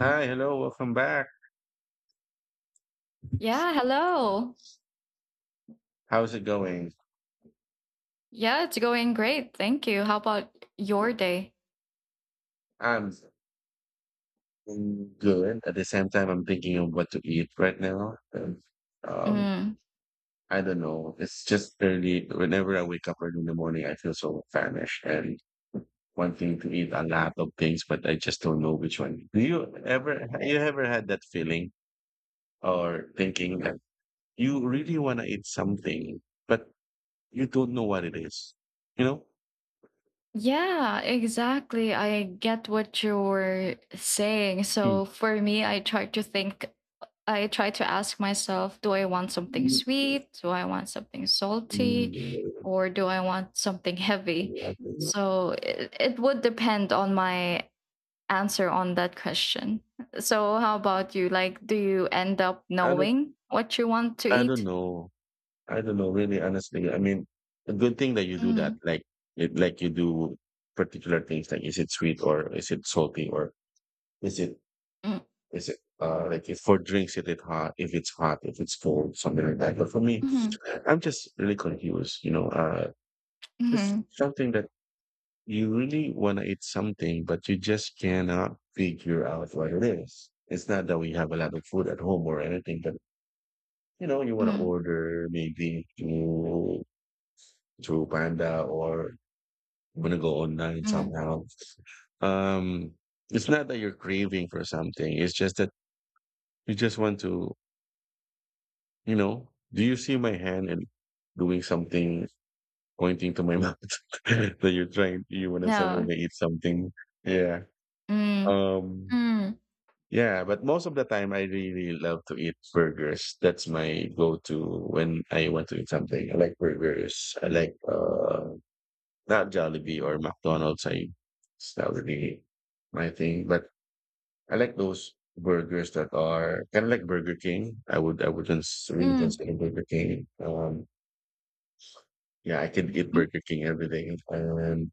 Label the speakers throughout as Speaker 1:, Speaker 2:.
Speaker 1: Hi, hello, welcome back.
Speaker 2: Yeah, hello.
Speaker 1: How's it going?
Speaker 2: Yeah, it's going great. Thank you. How about your day?
Speaker 1: I'm good. At the same time, I'm thinking of what to eat right now. And, um,
Speaker 2: Mm.
Speaker 1: I don't know. It's just early. Whenever I wake up early in the morning, I feel so famished and wanting to eat a lot of things, but I just don't know which one. Do you ever had that feeling or thinking that you really want to eat something, but you don't know what it is? You
Speaker 2: Yeah, exactly. I get what you're saying.
Speaker 1: know?
Speaker 2: So for me, I try to ask myself, do I want something
Speaker 1: Hmm.
Speaker 2: sweet? Do I want something salty? Or do I want something heavy? So it would depend on my answer on that question. So how about you? Like, do you end up
Speaker 1: I don't
Speaker 2: knowing what you want to
Speaker 1: I don't
Speaker 2: eat?
Speaker 1: know. I don't know really honestly. I mean, a good thing that you do that.
Speaker 2: Mm.
Speaker 1: Like it, like you do particular things, like is it sweet or is it salty or is it
Speaker 2: Mm.
Speaker 1: is it uh, like if for drinks, is it hot? If it's hot, if it's cold, something like that. But for me,
Speaker 2: Mhm.
Speaker 1: I'm just really confused, you know. It's
Speaker 2: Mhm.
Speaker 1: something that you really want to eat something, but you just cannot figure out what it is. It's not that we have a lot of food at home or anything, but you know, you want to
Speaker 2: Mhm.
Speaker 1: order. Maybe you through Panda or I'm gonna go online
Speaker 2: Mm.
Speaker 1: somehow. Um, it's not that you're craving for something. It's just that you just want to, you know, do you see my hand and doing something, pointing to my mouth, that you're trying, you want to somewhere
Speaker 2: No.
Speaker 1: to eat something. Yeah.
Speaker 2: Mm.
Speaker 1: Um,
Speaker 2: Mm.
Speaker 1: yeah, but most of the time I really love to eat burgers. That's my go-to when I want to eat something. I like burgers. I like, not Jollibee or McDonald's. I that would be my thing. But I like those burgers that are kind of like Burger King. I would I wouldn't really
Speaker 2: Mm.
Speaker 1: consider Burger King. Yeah, I could eat
Speaker 2: Mhm.
Speaker 1: Burger King every day. And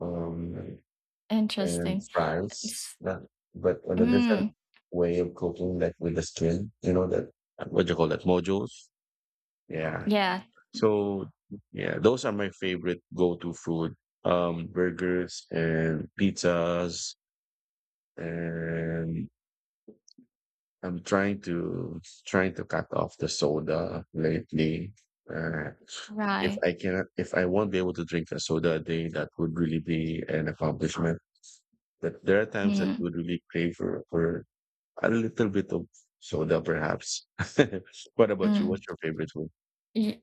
Speaker 1: um and
Speaker 2: Interesting.
Speaker 1: fries,
Speaker 2: It's
Speaker 1: not, but on a different
Speaker 2: mm,
Speaker 1: way of cooking, like with the skin. You know that, what do you call that, mojos? Yeah.
Speaker 2: yeah,
Speaker 1: So yeah, those are my favorite go-to food. Burgers and pizzas, and I'm trying to cut off the soda lately. Uh, if
Speaker 2: right.
Speaker 1: I cannot, if I won't be able to drink a soda a day, that would really be an accomplishment. But there are times that
Speaker 2: Mm.
Speaker 1: you would really crave for a little bit of soda, perhaps. What about you?
Speaker 2: Mm.
Speaker 1: What's your favorite food?
Speaker 2: Y-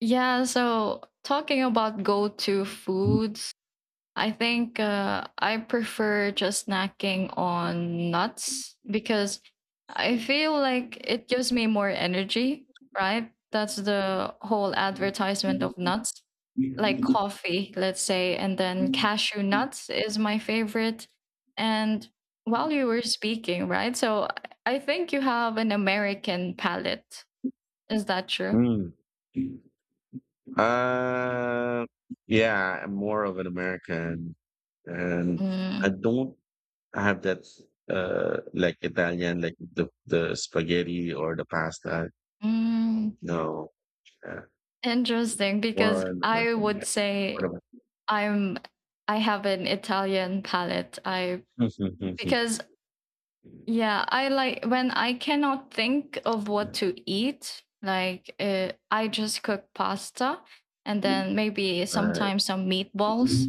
Speaker 2: yeah, so talking about go-to foods, I think I prefer just snacking on nuts because I feel like it gives me more energy, right? That's the whole advertisement of nuts, like coffee, let's say, and then cashew nuts is my favorite. And while you were speaking, right? So I think you have an American palate. Is that true?
Speaker 1: Mm. Uh, yeah, I'm more of an American, and I
Speaker 2: Mm.
Speaker 1: don't I have that uh, like Italian, like the spaghetti or the pasta.
Speaker 2: Mm.
Speaker 1: No, uh,
Speaker 2: Interesting, because
Speaker 1: more on
Speaker 2: I
Speaker 1: American.
Speaker 2: would
Speaker 1: Yeah.
Speaker 2: say
Speaker 1: What about?
Speaker 2: I'm I have an Italian palate. I because Yeah, I like when I cannot think of what to eat, like I just cook pasta and then maybe
Speaker 1: Uh,
Speaker 2: sometimes some meatballs.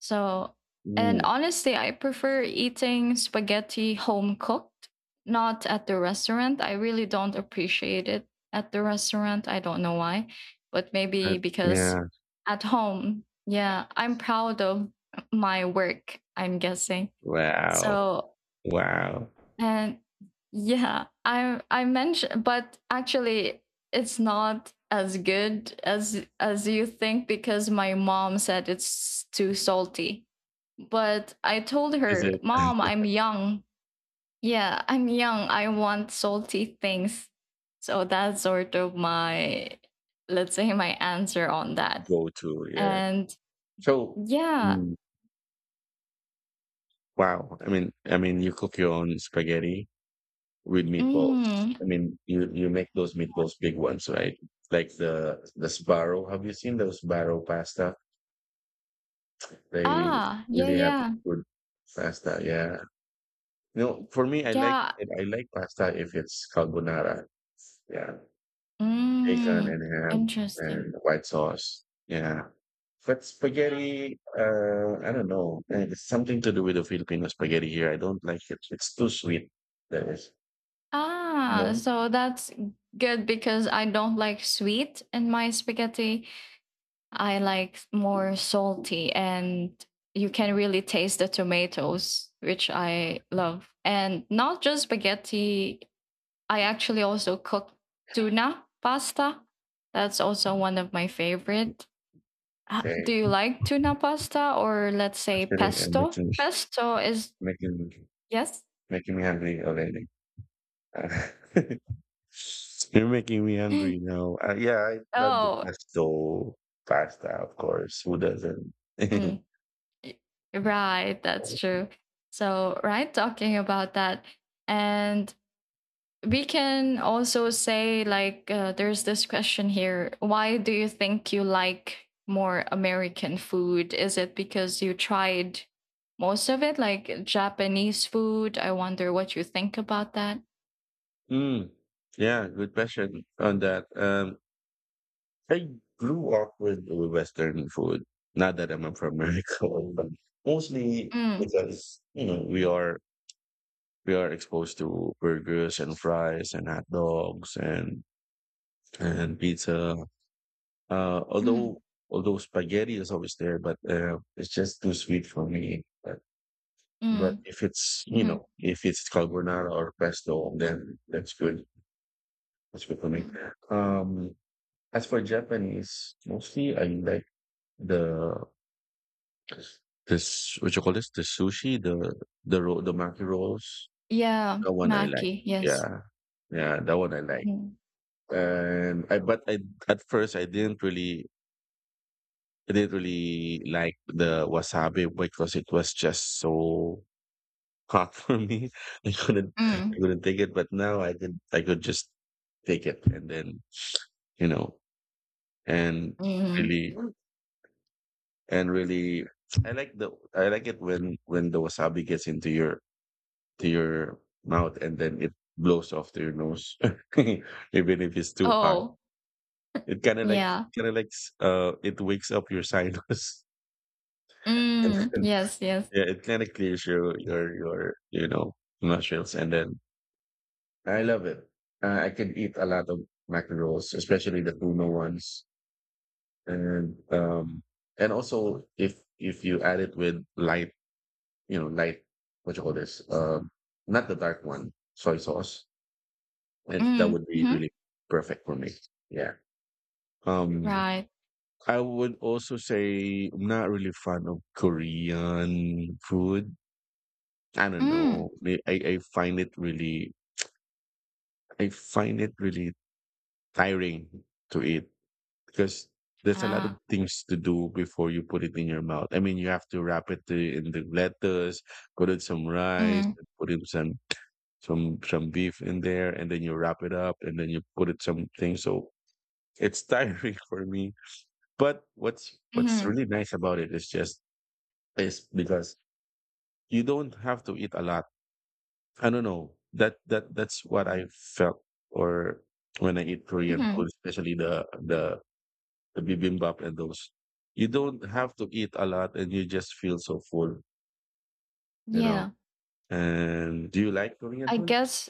Speaker 2: So, and
Speaker 1: ooh,
Speaker 2: honestly, I prefer eating spaghetti home cooked, not at the restaurant. I really don't appreciate it at the restaurant. I don't know why, but maybe
Speaker 1: I-
Speaker 2: because
Speaker 1: yeah.
Speaker 2: at home, yeah, I'm proud of my work, I'm guessing.
Speaker 1: Wow.
Speaker 2: So,
Speaker 1: Wow.
Speaker 2: and yeah, I mentioned, but actually, it's not as good as you think because my mom said it's too salty. But I told
Speaker 1: Is
Speaker 2: her,
Speaker 1: it
Speaker 2: "Mom, I'm young. Yeah, I'm young. I want salty things." So that's sort of my, let's say, my answer on that.
Speaker 1: go to? Yeah.
Speaker 2: And
Speaker 1: So,
Speaker 2: yeah.
Speaker 1: mm, wow. I mean, you cook your own spaghetti with meatballs.
Speaker 2: Mm.
Speaker 1: I mean, you make those meatballs big ones, right? Like the Sbarro. Have you seen those Sbarro pasta? They
Speaker 2: Ah. Yeah,
Speaker 1: really have
Speaker 2: yeah,
Speaker 1: good pasta. Yeah. You know, for me, I like
Speaker 2: yeah.
Speaker 1: I like pasta if it's carbonara. Yeah, bacon
Speaker 2: Mm,
Speaker 1: and ham
Speaker 2: interesting.
Speaker 1: and white sauce. Yeah. But spaghetti, I don't know. Eh, it's something to do with the Filipino spaghetti here. I don't like it. It's too sweet. That is, you
Speaker 2: Ah,
Speaker 1: know.
Speaker 2: so that's good because I don't like sweet in my spaghetti. I like more salty, and you can really taste the tomatoes, which I love. And not just spaghetti, I actually also cook tuna pasta. That's also one of my favorite. Do
Speaker 1: Okay,
Speaker 2: you like tuna pasta or, let's say,
Speaker 1: actually, I'm
Speaker 2: pesto?
Speaker 1: making
Speaker 2: Pesto is
Speaker 1: making
Speaker 2: yes.
Speaker 1: making me hungry already. Uh, you're making me hungry now. Yeah, I love the
Speaker 2: Oh,
Speaker 1: pesto pasta, of course. Who doesn't?
Speaker 2: mm. Y- Right, that's true. So, right, talking about that. And we can also say, like, there's this question here. Why do you think you like more American food? Is it because you tried most of it, like Japanese food? I wonder what you think about that.
Speaker 1: Mm, yeah, good question on that. I grew up with Western food. Not that I'm from America, but mostly
Speaker 2: Mm.
Speaker 1: because you know we are exposed to burgers and fries and hot dogs and pizza. Uh, although
Speaker 2: Mm.
Speaker 1: although spaghetti is always there, but it's just too sweet for me. But
Speaker 2: Mm.
Speaker 1: if it's, you
Speaker 2: Mhm.
Speaker 1: know, if it's carbonara or pesto, then that's good. That's good for me.
Speaker 2: Mm.
Speaker 1: Um, as for Japanese, mostly I like the this, what you call this, the sushi, the roll, the maki rolls,
Speaker 2: Yeah,
Speaker 1: that one I like.
Speaker 2: Maki, yes.
Speaker 1: Yeah, yeah, that one I like.
Speaker 2: Mm.
Speaker 1: And I but I at first I didn't really like the wasabi because it was just so hot for me, I couldn't I
Speaker 2: Mm.
Speaker 1: couldn't take it, but now I could just take it, and then, you know, and really
Speaker 2: Mm.
Speaker 1: really I like the I like it when the wasabi gets into your to your mouth, and then it blows off to your nose. Even if it's too hot.
Speaker 2: Oh,
Speaker 1: It kinda like
Speaker 2: yeah.
Speaker 1: it kinda like uh, it wakes up your sinus and
Speaker 2: Mm,
Speaker 1: then,
Speaker 2: yes, yes.
Speaker 1: yeah, it kinda clears your your you know, nostrils, and then I love it. I can eat a lot of mackerels, especially the tuna ones, and um, and also if you add it with light, you know, light, what you call this, not the dark one, soy sauce, it, that
Speaker 2: Mm,
Speaker 1: would be
Speaker 2: mhm,
Speaker 1: really perfect for me. Yeah. Um,
Speaker 2: right.
Speaker 1: I would also say I'm not really fan of Korean food. I don't
Speaker 2: Mm.
Speaker 1: know. I find it really I find it really tiring to eat. Because there's a lot of
Speaker 2: Ah.
Speaker 1: things to do before you put it in your mouth. I mean, you have to wrap in the lettuce, put in some rice,
Speaker 2: Mm.
Speaker 1: and put in some some beef in there, and then you wrap it up, and then you put it some things. So it's tiring for me. But what's
Speaker 2: Mhm.
Speaker 1: really nice about it is just is because you don't have to eat a lot. I don't know, that that that's what I felt or when I eat Korean
Speaker 2: Mhm.
Speaker 1: food, especially the the bibimbap and those. You don't have to eat a lot and you just feel so full, you know.
Speaker 2: Yeah,
Speaker 1: And do you like Korean
Speaker 2: I
Speaker 1: food?
Speaker 2: guess,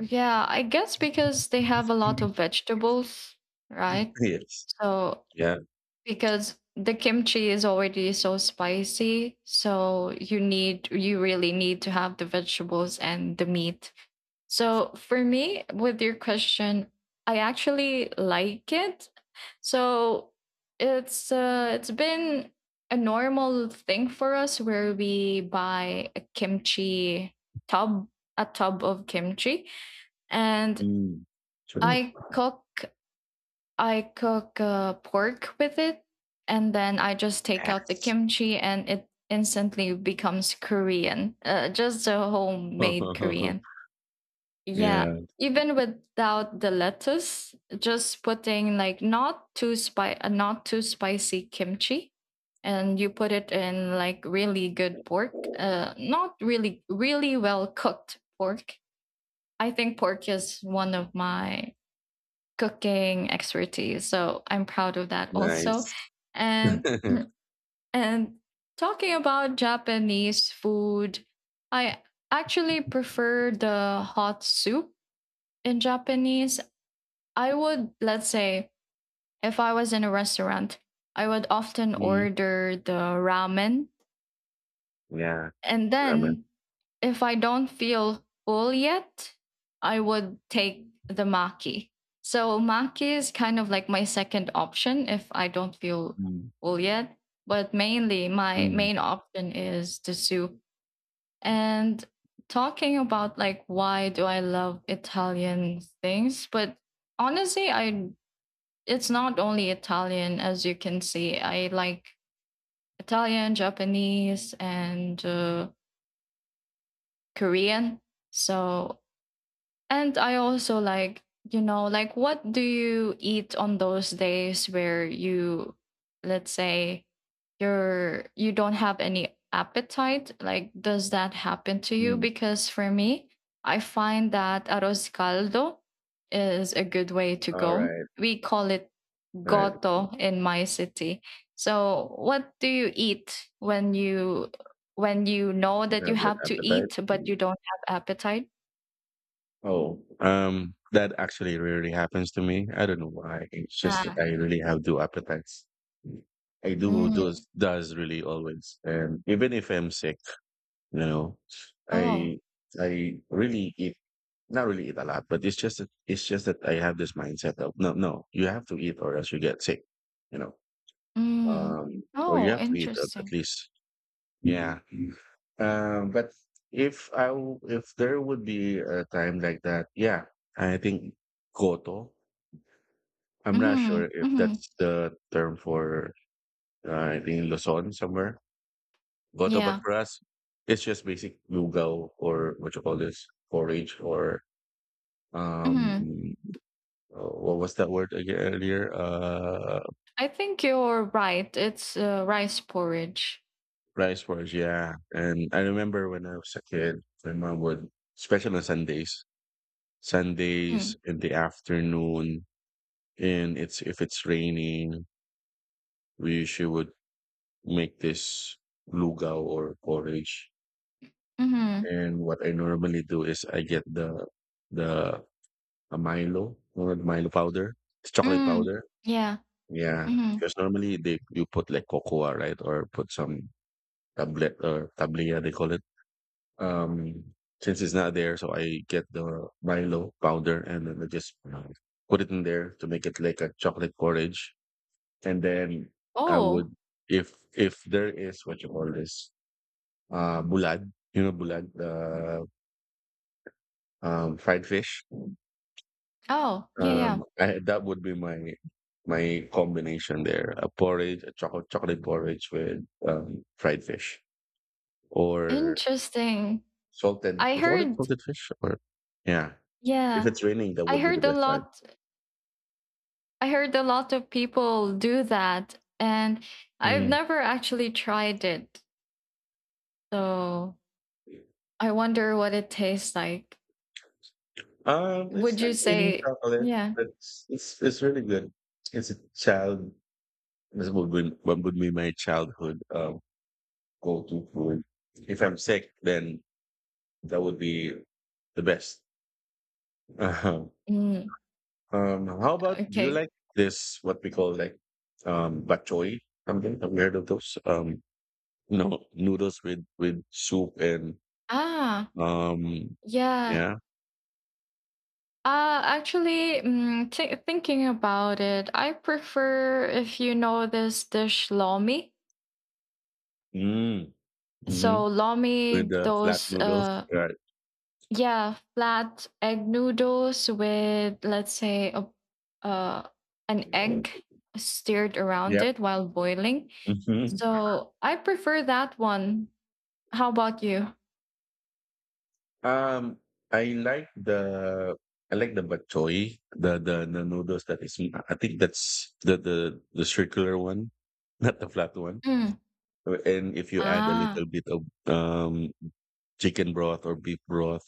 Speaker 2: yeah, I guess because they have a lot of vegetables, right?
Speaker 1: Yes.
Speaker 2: So,
Speaker 1: Yeah.
Speaker 2: because the kimchi is already so spicy, so you really need to have the vegetables and the meat. So for me, with your question, I actually like it. So it's been a normal thing for us where we buy a kimchi tub, a tub of kimchi, and
Speaker 1: Mm. Sure.
Speaker 2: I cook I cook pork with it, and then I just take out the
Speaker 1: Yes.
Speaker 2: kimchi, and it instantly becomes Korean, just a homemade Korean. Yeah,
Speaker 1: Yeah.
Speaker 2: even without the lettuce, just putting like not too spicy kimchi, and you put it in like really good pork, not really well cooked pork. I think pork is one of my cooking expertise, so I'm proud of that also.
Speaker 1: Nice.
Speaker 2: And and talking about Japanese food, I actually prefer the hot soup in Japanese. I would, let's say, if I was in a restaurant, I would often
Speaker 1: Mm.
Speaker 2: order the ramen.
Speaker 1: Yeah.
Speaker 2: And
Speaker 1: Ramen.
Speaker 2: then if I don't feel full yet, I would take the maki. So maki is kind of like my second option if I don't feel
Speaker 1: Mm.
Speaker 2: full yet. But mainly, my
Speaker 1: Mm.
Speaker 2: main option is the soup. And talking about like why do I love Italian things, but honestly, I it's not only Italian, as you can see. I like Italian, Japanese, and Korean. So, and I also like, you know, like what do you eat on those days where you, let's say, you don't have any appetite? Like, does that happen to you?
Speaker 1: Mm.
Speaker 2: Because for me, I find that arroz caldo is a good way to
Speaker 1: All
Speaker 2: go.
Speaker 1: right.
Speaker 2: We call it
Speaker 1: All right.
Speaker 2: goto in my city. So, what do you eat when you know
Speaker 1: You
Speaker 2: that you
Speaker 1: have that
Speaker 2: have to eat but
Speaker 1: appetite.
Speaker 2: you don't have appetite?
Speaker 1: Oh, that actually rarely happens to me. I don't know why. It's just that
Speaker 2: Ah.
Speaker 1: I really have two appetites. I do,
Speaker 2: Mm.
Speaker 1: does really always, and even if I'm sick, you know,
Speaker 2: Oh.
Speaker 1: I I really eat not really eat a lot, but it's just that I have this mindset of no, no, you have to eat or else you get sick, you know,
Speaker 2: Mm.
Speaker 1: or you
Speaker 2: Oh,
Speaker 1: have to eat at
Speaker 2: interesting.
Speaker 1: least yeah. But if if there would be a time like that, yeah, I think Goto. I'm not sure
Speaker 2: Mhm.
Speaker 1: if
Speaker 2: Mhm.
Speaker 1: that's the term for I think Luzon somewhere. Goto, but
Speaker 2: Yeah.
Speaker 1: for us, it's just basic lugaw or what you call this forage or um
Speaker 2: Mhm.
Speaker 1: what was that word again earlier?
Speaker 2: I think you're right. It's rice porridge.
Speaker 1: Rice forage. Yeah, and I remember when I was a kid, my mom would, especially on Sundays, Sundays
Speaker 2: Mm.
Speaker 1: in the afternoon, and it's if it's raining, we usually would make this lugaw or porridge.
Speaker 2: Mhm.
Speaker 1: And what I normally do is I get the a Milo or the Milo powder, it's chocolate
Speaker 2: Mm.
Speaker 1: powder,
Speaker 2: Yeah.
Speaker 1: yeah,
Speaker 2: Mhm.
Speaker 1: because normally they you put like cocoa, right, or put some tablet or tablilla they call it, um, since it's not there, so I get the Milo powder, and then I just put it in there to make it like a chocolate porridge. And then I
Speaker 2: Oh.
Speaker 1: would, if there is what you call this, bulad, you know, bulad, the fried fish.
Speaker 2: Oh, yeah, yeah.
Speaker 1: I, that would be my my combination there: a porridge, a chocolate porridge with fried fish, or
Speaker 2: Interesting.
Speaker 1: salted.
Speaker 2: I
Speaker 1: What do you call it?
Speaker 2: heard,
Speaker 1: Salted fish, or yeah. If
Speaker 2: yeah.
Speaker 1: it's raining, that
Speaker 2: I
Speaker 1: would be the
Speaker 2: heard a
Speaker 1: best time.
Speaker 2: lot I heard a lot of people do that, and I've
Speaker 1: Mm.
Speaker 2: never actually tried it. So I wonder what it tastes like.
Speaker 1: It's
Speaker 2: Would you
Speaker 1: like eating
Speaker 2: say,
Speaker 1: chocolate.
Speaker 2: yeah?
Speaker 1: It's really good. It's a child, this would be what would be my childhood go-to food. If I'm sick, then that would be the best. Uh-huh.
Speaker 2: Mm,
Speaker 1: How about do you
Speaker 2: okay.
Speaker 1: like this what we call like um, bok choy something? Have you heard of those? You know, noodles with soup and
Speaker 2: Ah,
Speaker 1: um,
Speaker 2: yeah.
Speaker 1: yeah,
Speaker 2: Actually, thinking about it, I prefer, if you know this dish, lomi.
Speaker 1: mm, hmm,
Speaker 2: So lomi,
Speaker 1: with flat
Speaker 2: those
Speaker 1: noodles, right?
Speaker 2: yeah, flat egg noodles with, let's say, a uh, an egg stirred around
Speaker 1: Yep.
Speaker 2: it while boiling. So I prefer that one. How about you?
Speaker 1: Um, I like the I like the bok choy, the the noodles, that is. I think that's the the circular one, not the flat one.
Speaker 2: Mm.
Speaker 1: And if you add a
Speaker 2: Ah,
Speaker 1: little bit of um, chicken broth or beef broth,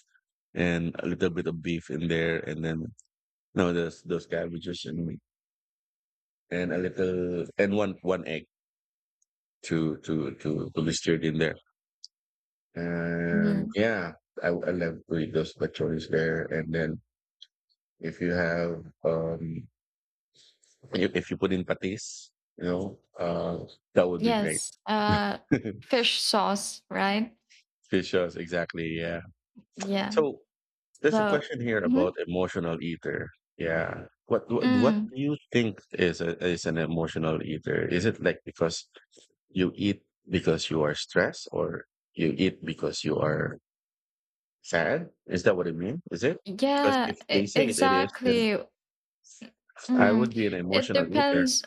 Speaker 1: and a little bit of beef in there, and then no, those cabbages, and a little, and one egg to be stirred in there. And
Speaker 2: mm,
Speaker 1: yeah, I love to eat those bok choys there, and then if you have um, you, if you put in patis, you know, that would be great.
Speaker 2: yes. Fish sauce, right?
Speaker 1: Fishers, exactly. Yeah.
Speaker 2: Yeah.
Speaker 1: So there's a
Speaker 2: So,
Speaker 1: question here about
Speaker 2: mhm.
Speaker 1: emotional eater. Yeah. What
Speaker 2: Mm.
Speaker 1: do you think is a, is an emotional eater? Is it like because you eat because you are stressed, or you eat because you are sad? Is that what it means? Is it? Because
Speaker 2: Yeah,
Speaker 1: if they say it, it is, then
Speaker 2: exactly.
Speaker 1: I
Speaker 2: Mm.
Speaker 1: would be an
Speaker 2: It
Speaker 1: emotional eater.
Speaker 2: depends.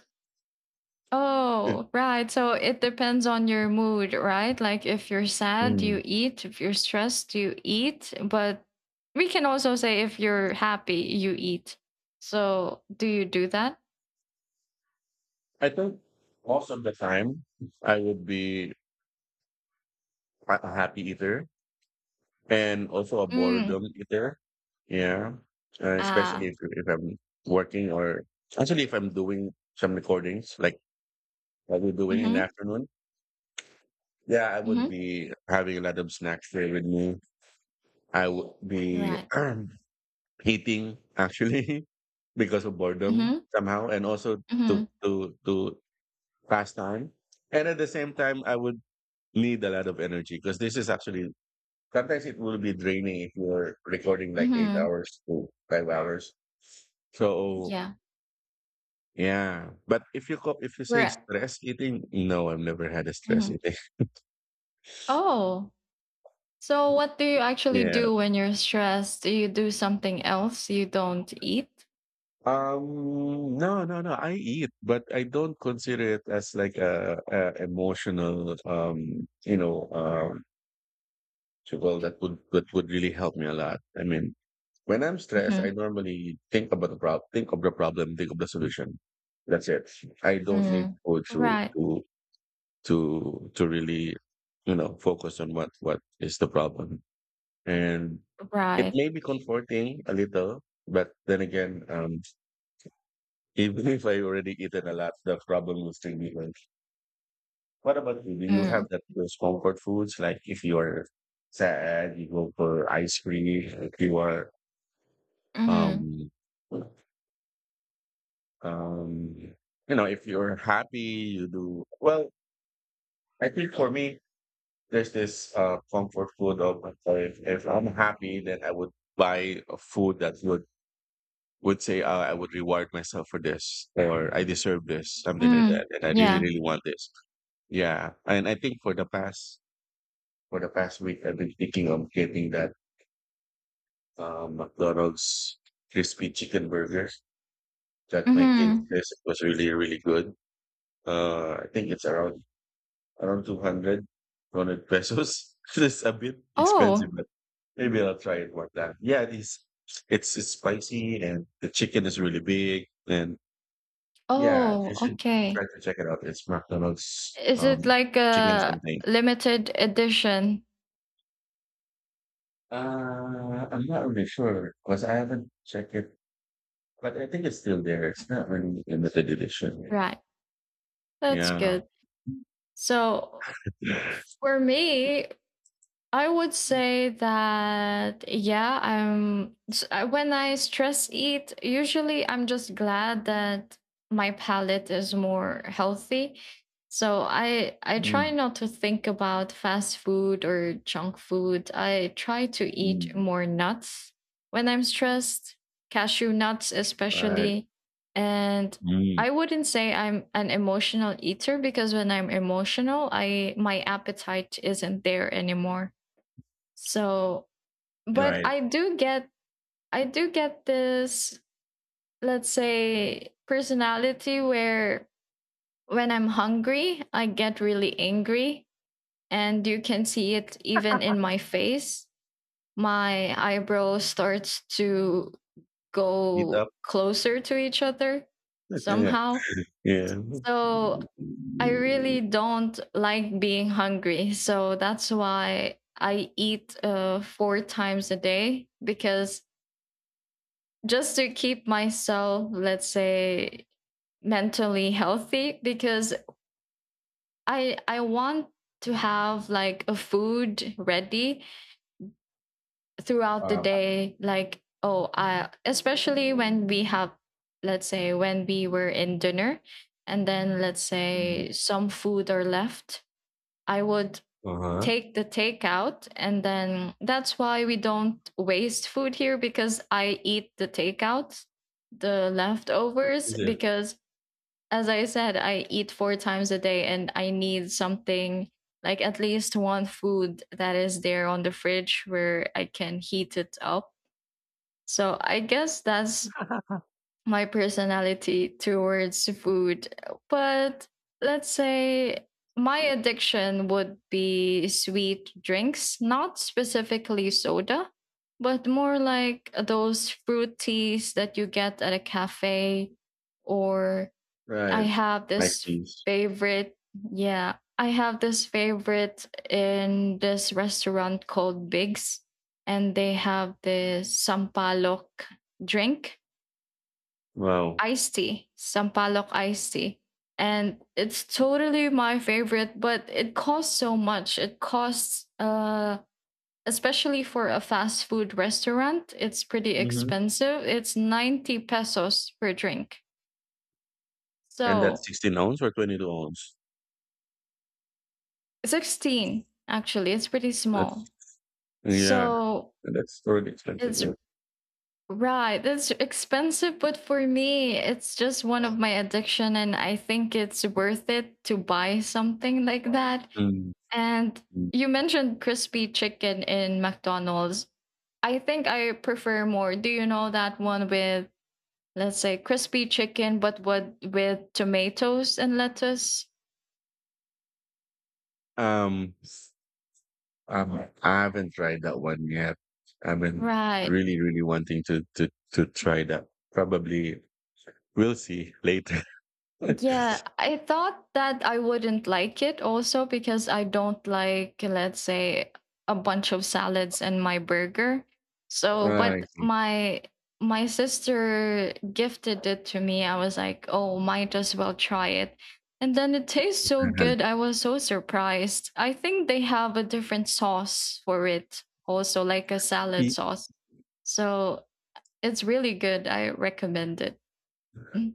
Speaker 2: Oh, right. So it depends on your mood, right? Like if you're sad, you
Speaker 1: Hmm.
Speaker 2: eat. If you're stressed, you eat. But we can also say if you're happy, you eat. So do you do that?
Speaker 1: I think most of the time I would be a happy eater and also a
Speaker 2: Mm.
Speaker 1: boredom eater. Yeah, especially
Speaker 2: Ah.
Speaker 1: if I'm working or actually if I'm doing some recordings like what we're doing in the
Speaker 2: Mhm.
Speaker 1: afternoon. Yeah, I would
Speaker 2: Mhm.
Speaker 1: be having a lot of snacks there with me. I would be
Speaker 2: Right.
Speaker 1: eating actually because of boredom
Speaker 2: Mhm.
Speaker 1: somehow, and also to
Speaker 2: Mhm.
Speaker 1: to to pass time. And at the same time, I would need a lot of energy, because this is actually sometimes it will be draining if you're recording like eight
Speaker 2: Mhm.
Speaker 1: hours to 5 hours. So
Speaker 2: Yeah.
Speaker 1: yeah, but if you say
Speaker 2: Right.
Speaker 1: stress eating, no, I've never had a stress
Speaker 2: Mhm.
Speaker 1: eating.
Speaker 2: Oh. So what do you actually
Speaker 1: Yeah.
Speaker 2: do when you're stressed? Do you do something else? You don't eat?
Speaker 1: No, no, no. I eat, but I don't consider it as like a emotional. So, well, that would really help me a lot. I mean, when I'm stressed, I
Speaker 2: Mhm.
Speaker 1: normally think about the problem, think of the problem, think of the solution. That's it. I don't need
Speaker 2: Mm.
Speaker 1: food to
Speaker 2: Right.
Speaker 1: to to to really focus on what is the problem, and it
Speaker 2: Right.
Speaker 1: may be comforting a little, but then again, even if I already eaten a lot, the problem will still be there. What about you? Do you
Speaker 2: Mm.
Speaker 1: have that those comfort foods, like if you are sad, you go for ice cream, if you are
Speaker 2: Mhm.
Speaker 1: um um you know if you're happy, you do well? I think for me there's this comfort food of if I'm happy, then I would buy a food that would say, I would reward myself for this, or I deserve this, something like
Speaker 2: Mm.
Speaker 1: that, and I really
Speaker 2: Yeah.
Speaker 1: really want this. Yeah, and I think for the past week, I've been thinking of getting that McDonald's crispy chicken burger that my kids
Speaker 2: Mhm.
Speaker 1: says it was really really good. I think it's around 200 pesos. It's a bit expensive,
Speaker 2: Oh.
Speaker 1: but maybe I'll try it one time. Yeah, it is. It's spicy, and the chicken is really big. And yeah,
Speaker 2: Oh,
Speaker 1: you should try
Speaker 2: okay.
Speaker 1: to check it out. It's McDonald's,
Speaker 2: Is it like
Speaker 1: chicken
Speaker 2: a
Speaker 1: something.
Speaker 2: limited edition?
Speaker 1: I'm not really sure because I haven't checked it, but I think it's still there. It's not really limited edition.
Speaker 2: Right. That's
Speaker 1: Yeah.
Speaker 2: good. So for me, I would say that yeah, when I stress eat, usually I'm just glad that my palate is more healthy. So I try
Speaker 1: Mm,
Speaker 2: not to think about fast food or junk food. I try to eat
Speaker 1: mm,
Speaker 2: more nuts when I'm stressed, cashew nuts
Speaker 1: right.
Speaker 2: especially. And I
Speaker 1: Mm,
Speaker 2: wouldn't say I'm an emotional eater because when I'm emotional, I my appetite isn't there anymore. So, but
Speaker 1: right.
Speaker 2: I do get this, let's say, personality where when I'm hungry, I get really angry and you can see it even in my face. My eyebrow starts to
Speaker 1: Eat
Speaker 2: go
Speaker 1: up.
Speaker 2: closer to each other
Speaker 1: Yeah.
Speaker 2: somehow.
Speaker 1: Yeah.
Speaker 2: So, I really don't like being hungry. So that's why I eat four times a day, because just to keep myself, let's say, mentally healthy, because I want to have like a food ready throughout the
Speaker 1: Wow.
Speaker 2: day, like, oh, I especially when we have, let's say, when we were in dinner, and then, let's
Speaker 1: uh
Speaker 2: say, some food are left, I would
Speaker 1: Uh-huh.
Speaker 2: take the takeout, and then that's why we don't waste food here, because I eat the leftovers,
Speaker 1: Is it?
Speaker 2: because, as I said, I eat four times a day and I need something like at least one food that is there on the fridge where I can heat it up. So I guess that's my personality towards food. But let's say my addiction would be sweet drinks, not specifically soda, but more like those fruit teas that you get at a cafe, or I
Speaker 1: Right.
Speaker 2: have
Speaker 1: I
Speaker 2: this
Speaker 1: see.
Speaker 2: favorite, yeah, I have this favorite in this restaurant called Biggs, and they have this sampalok drink,
Speaker 1: Wow.
Speaker 2: iced tea, sampalok iced tea. And it's totally my favorite, but it costs so much. Especially for a fast food restaurant, it's pretty
Speaker 1: Hmm.
Speaker 2: expensive. It's 90 pesos per drink.
Speaker 1: And that's
Speaker 2: So
Speaker 1: 16 ounce or 22 ounce?
Speaker 2: 16, actually it's pretty
Speaker 1: That's,
Speaker 2: small.
Speaker 1: yeah,
Speaker 2: So,
Speaker 1: that's pretty expensive.
Speaker 2: it's
Speaker 1: Yeah.
Speaker 2: right, it's expensive, but for me it's just one of my addiction, and I think it's worth it to buy something like that.
Speaker 1: Mm.
Speaker 2: And
Speaker 1: Mm.
Speaker 2: you mentioned crispy chicken in McDonald's. I think I prefer more. Do you know that one with, let's say, crispy chicken but what with tomatoes and lettuce,
Speaker 1: Um, I haven't tried that one yet. I've been
Speaker 2: right?
Speaker 1: really, really wanting to try that. Probably we'll see later.
Speaker 2: Yeah, I thought that I wouldn't like it also because I don't like, let's say, a bunch of salads and my burger. So,
Speaker 1: Right.
Speaker 2: but my sister gifted it to me. I was like, "Oh, might as well try it." And then it tastes so good. I was so surprised. I think they have a different sauce for it also, like a salad sauce. So, it's really good. I recommend it. Mm-hmm.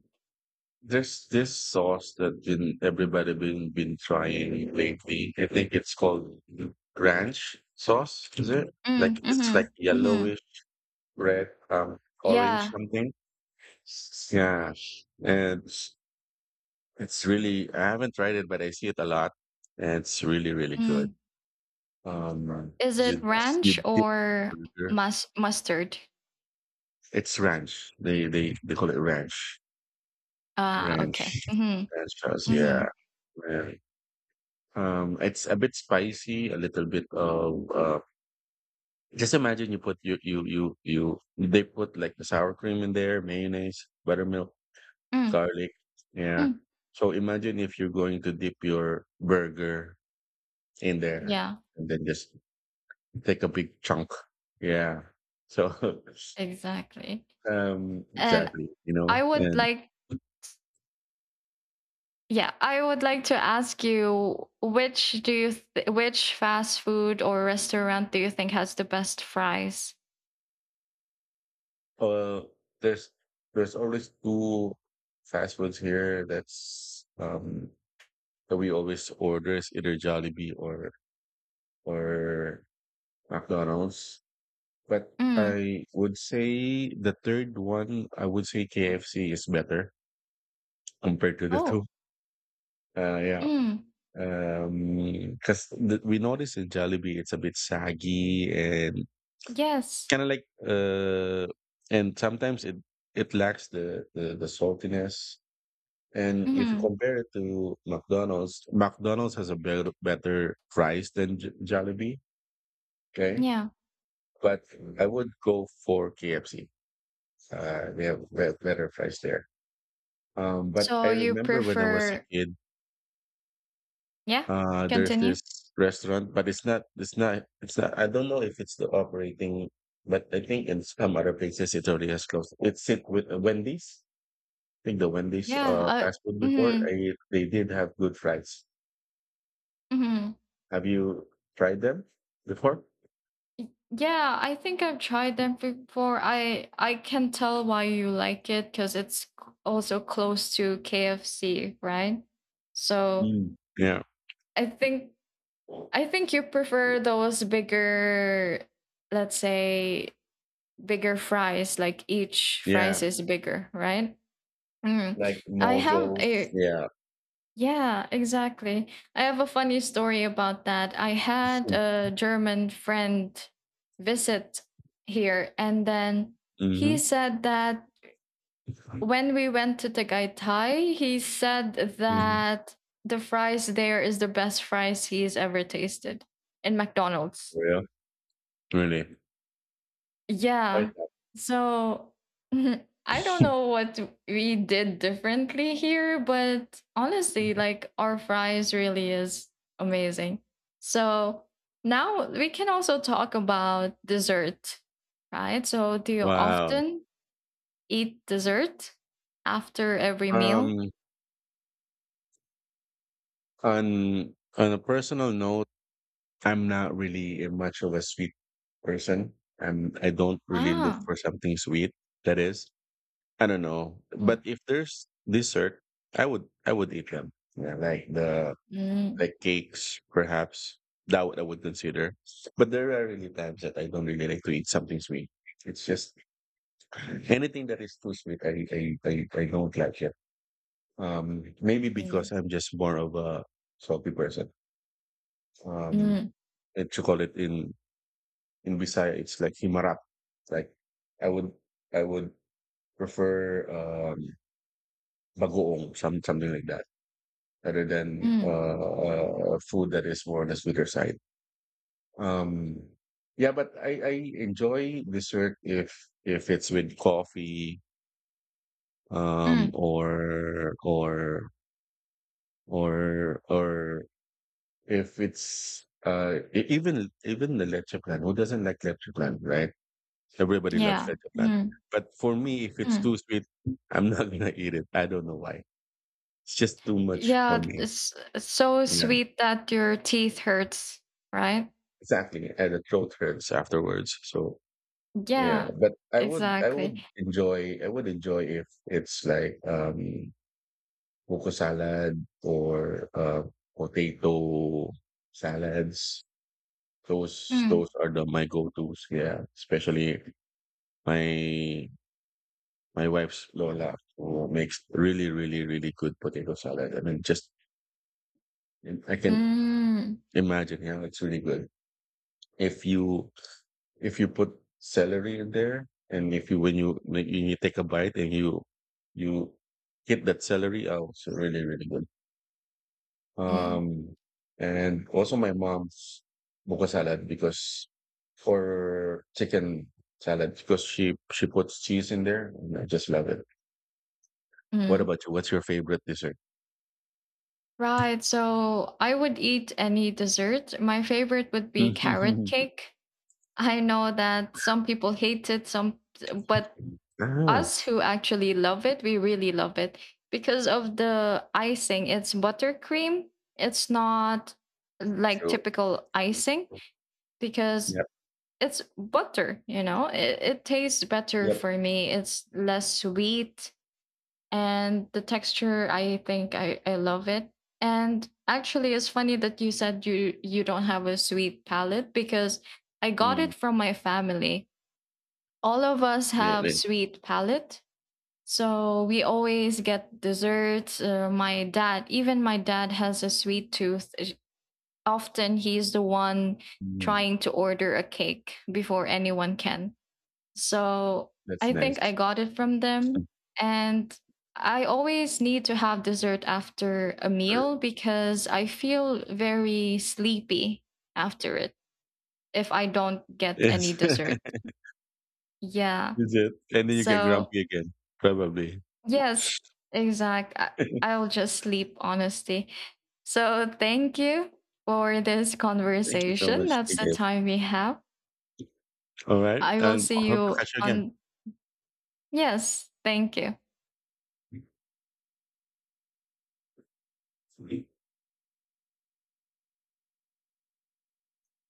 Speaker 1: There's this sauce that been everybody been trying lately. I think it's called ranch sauce. Is it like, it's like
Speaker 2: Mm-hmm. Mm-hmm.
Speaker 1: yellowish red, orange
Speaker 2: Yeah.
Speaker 1: something? Yeah, and it's really, I haven't tried it, but I see it a lot, and it's really really good.
Speaker 2: Mm.
Speaker 1: Um,
Speaker 2: Is it
Speaker 1: you you
Speaker 2: ranch
Speaker 1: dip
Speaker 2: or
Speaker 1: burger.
Speaker 2: mustard?
Speaker 1: It's ranch. They call it ranch.
Speaker 2: Ah, okay.
Speaker 1: Ranch
Speaker 2: Mm-hmm.
Speaker 1: Ranch sauce. Yeah,
Speaker 2: Mm-hmm.
Speaker 1: man. It's a bit spicy, a little bit of just imagine you put you you you you they put like the sour cream in there, mayonnaise, buttermilk,
Speaker 2: Mm.
Speaker 1: garlic. Yeah.
Speaker 2: Mm.
Speaker 1: So imagine if you're going to dip your burger in there,
Speaker 2: Yeah,
Speaker 1: and then just take a big chunk. Yeah. So
Speaker 2: exactly. And
Speaker 1: exactly, you
Speaker 2: I
Speaker 1: know.
Speaker 2: would
Speaker 1: And
Speaker 2: like, yeah, I would like to ask you, which which fast food or restaurant do you think has the best fries?
Speaker 1: uh there's there's always two fast foods here that's that we always order is either Jollibee or McDonald's. But
Speaker 2: Mm.
Speaker 1: I would say the third one, I would say KFC is better compared to the two.
Speaker 2: Oh.
Speaker 1: Yeah.
Speaker 2: Mm.
Speaker 1: Because we notice in Jollibee, it's a bit saggy and
Speaker 2: Yes.
Speaker 1: kind of like, and sometimes it lacks the saltiness. And if you
Speaker 2: Mm-hmm.
Speaker 1: compare it to McDonald's, McDonald's has a better price than Jollibee. Okay.
Speaker 2: Yeah.
Speaker 1: But I would go for KFC. They have better fries there. But I
Speaker 2: So you
Speaker 1: remember when I was a
Speaker 2: prefer?
Speaker 1: kid,
Speaker 2: Yeah.
Speaker 1: there's
Speaker 2: Continue.
Speaker 1: this restaurant, but it's not. I don't know if it's the operating, but I think in some other places it already has closed. It's it with Wendy's. I think the Wendy's
Speaker 2: Yeah.
Speaker 1: fast food before
Speaker 2: Mm-hmm.
Speaker 1: I, they did have good fries.
Speaker 2: Mm-hmm.
Speaker 1: Have you tried them before?
Speaker 2: Yeah, I think I've tried them before. I can tell why you like it because it's also close to KFC, right? So
Speaker 1: Mm. Yeah,
Speaker 2: I think I think you prefer those bigger, let's say, bigger fries, like each fries
Speaker 1: yeah,
Speaker 2: is bigger, right? Mm.
Speaker 1: like
Speaker 2: I have
Speaker 1: Mojo's.
Speaker 2: a
Speaker 1: Yeah.
Speaker 2: Yeah, exactly. I have a funny story about that. I had a German friend visit here, and then he
Speaker 1: Mm-hmm.
Speaker 2: said that when we went to Tagaytay, he said
Speaker 1: Mhm.
Speaker 2: that the fries there is the best fries he's ever tasted in McDonald's.
Speaker 1: Real? Really?
Speaker 2: Yeah.
Speaker 1: Right.
Speaker 2: So I don't know what we did differently here, but honestly, like our fries really is amazing. So now we can also talk about dessert, right? So do you
Speaker 1: Wow.
Speaker 2: often eat dessert after every meal?
Speaker 1: Um, on a personal note, I'm not really a much of a sweet person. I don't really look
Speaker 2: Ah.
Speaker 1: for something sweet. That is, I don't know. But
Speaker 2: Mm.
Speaker 1: if there's dessert, I would eat them. Yeah,
Speaker 2: Mm.
Speaker 1: like cakes, perhaps that would I would consider. But there are really times that I don't really like to eat something sweet. It's just anything that is too sweet. I don't like it. Maybe
Speaker 2: Mm.
Speaker 1: because I'm just more of a salty person. Um,
Speaker 2: Mm.
Speaker 1: and to call it in Bisaya, it's like himarap. Like I would I would prefer, bagoong, something like that, rather than
Speaker 2: Mm.
Speaker 1: food that is more on the sweeter side. Um, yeah, but I enjoy dessert if it's with coffee,
Speaker 2: Mm.
Speaker 1: or or or if it's even the leche plan, who doesn't like leche plan, right? Everybody loves
Speaker 2: Yeah.
Speaker 1: leche plan.
Speaker 2: Mm.
Speaker 1: But for me, if it's
Speaker 2: Mm.
Speaker 1: too sweet, I'm not gonna eat it. I don't know why. It's just too much for
Speaker 2: Yeah,
Speaker 1: me.
Speaker 2: it's so
Speaker 1: Yeah,
Speaker 2: sweet that your teeth hurts, right?
Speaker 1: exactly, and the throat hurts afterwards. So yeah,
Speaker 2: Yeah,
Speaker 1: but i would i
Speaker 2: exactly.
Speaker 1: would enjoy i would enjoy if it's like coco salad or potato salads. those
Speaker 2: Mm.
Speaker 1: those are the my go-to's. Yeah, especially My my wife's Lola who makes really, really, really good potato salad. I mean, just I can
Speaker 2: Mm.
Speaker 1: imagine. Yeah, it's really good. If you if you put celery in there, and if you when you when you take a bite, and you get that celery, oh, it's really, really good.
Speaker 2: Mm.
Speaker 1: Um, and also my mom's buko salad, because for chicken salad, because she puts cheese in there, and I just love it. What
Speaker 2: Mm.
Speaker 1: about you? What's your favorite dessert?
Speaker 2: Right. So I would eat any dessert. My favorite would be carrot
Speaker 1: Mhm.
Speaker 2: cake. I know that some people hate it, some but
Speaker 1: Ah,
Speaker 2: us who actually love it, we really love it because of the icing. It's buttercream. It's not like
Speaker 1: true.
Speaker 2: typical icing because
Speaker 1: Yep,
Speaker 2: it's butter. It tastes better
Speaker 1: yep.
Speaker 2: for me, it's less sweet, and the texture, I think, I love it. And actually it's funny that you said you don't have a sweet palate, because I got it
Speaker 1: Mm,
Speaker 2: from my family. All of us have
Speaker 1: really.
Speaker 2: sweet palate, so we always get desserts. My dad Even my dad has a sweet tooth. Often he's the one
Speaker 1: Mm,
Speaker 2: trying to order a cake before anyone can, so
Speaker 1: that's
Speaker 2: I think I
Speaker 1: nice.
Speaker 2: got it from them. And I always need to have dessert after a
Speaker 1: Super.
Speaker 2: meal because I feel very sleepy after it if I don't get any
Speaker 1: Yes.
Speaker 2: dessert. Yeah.
Speaker 1: Is it? And then you get
Speaker 2: So,
Speaker 1: grumpy again, probably.
Speaker 2: yes, exact. I- I'll just sleep, honestly. So, thank you for this
Speaker 1: Thank you so
Speaker 2: conversation.
Speaker 1: much
Speaker 2: That's the
Speaker 1: again.
Speaker 2: time we have.
Speaker 1: All right.
Speaker 2: I will
Speaker 1: And I
Speaker 2: see
Speaker 1: hope to
Speaker 2: you
Speaker 1: catch you
Speaker 2: on. Yes, thank you.
Speaker 1: again.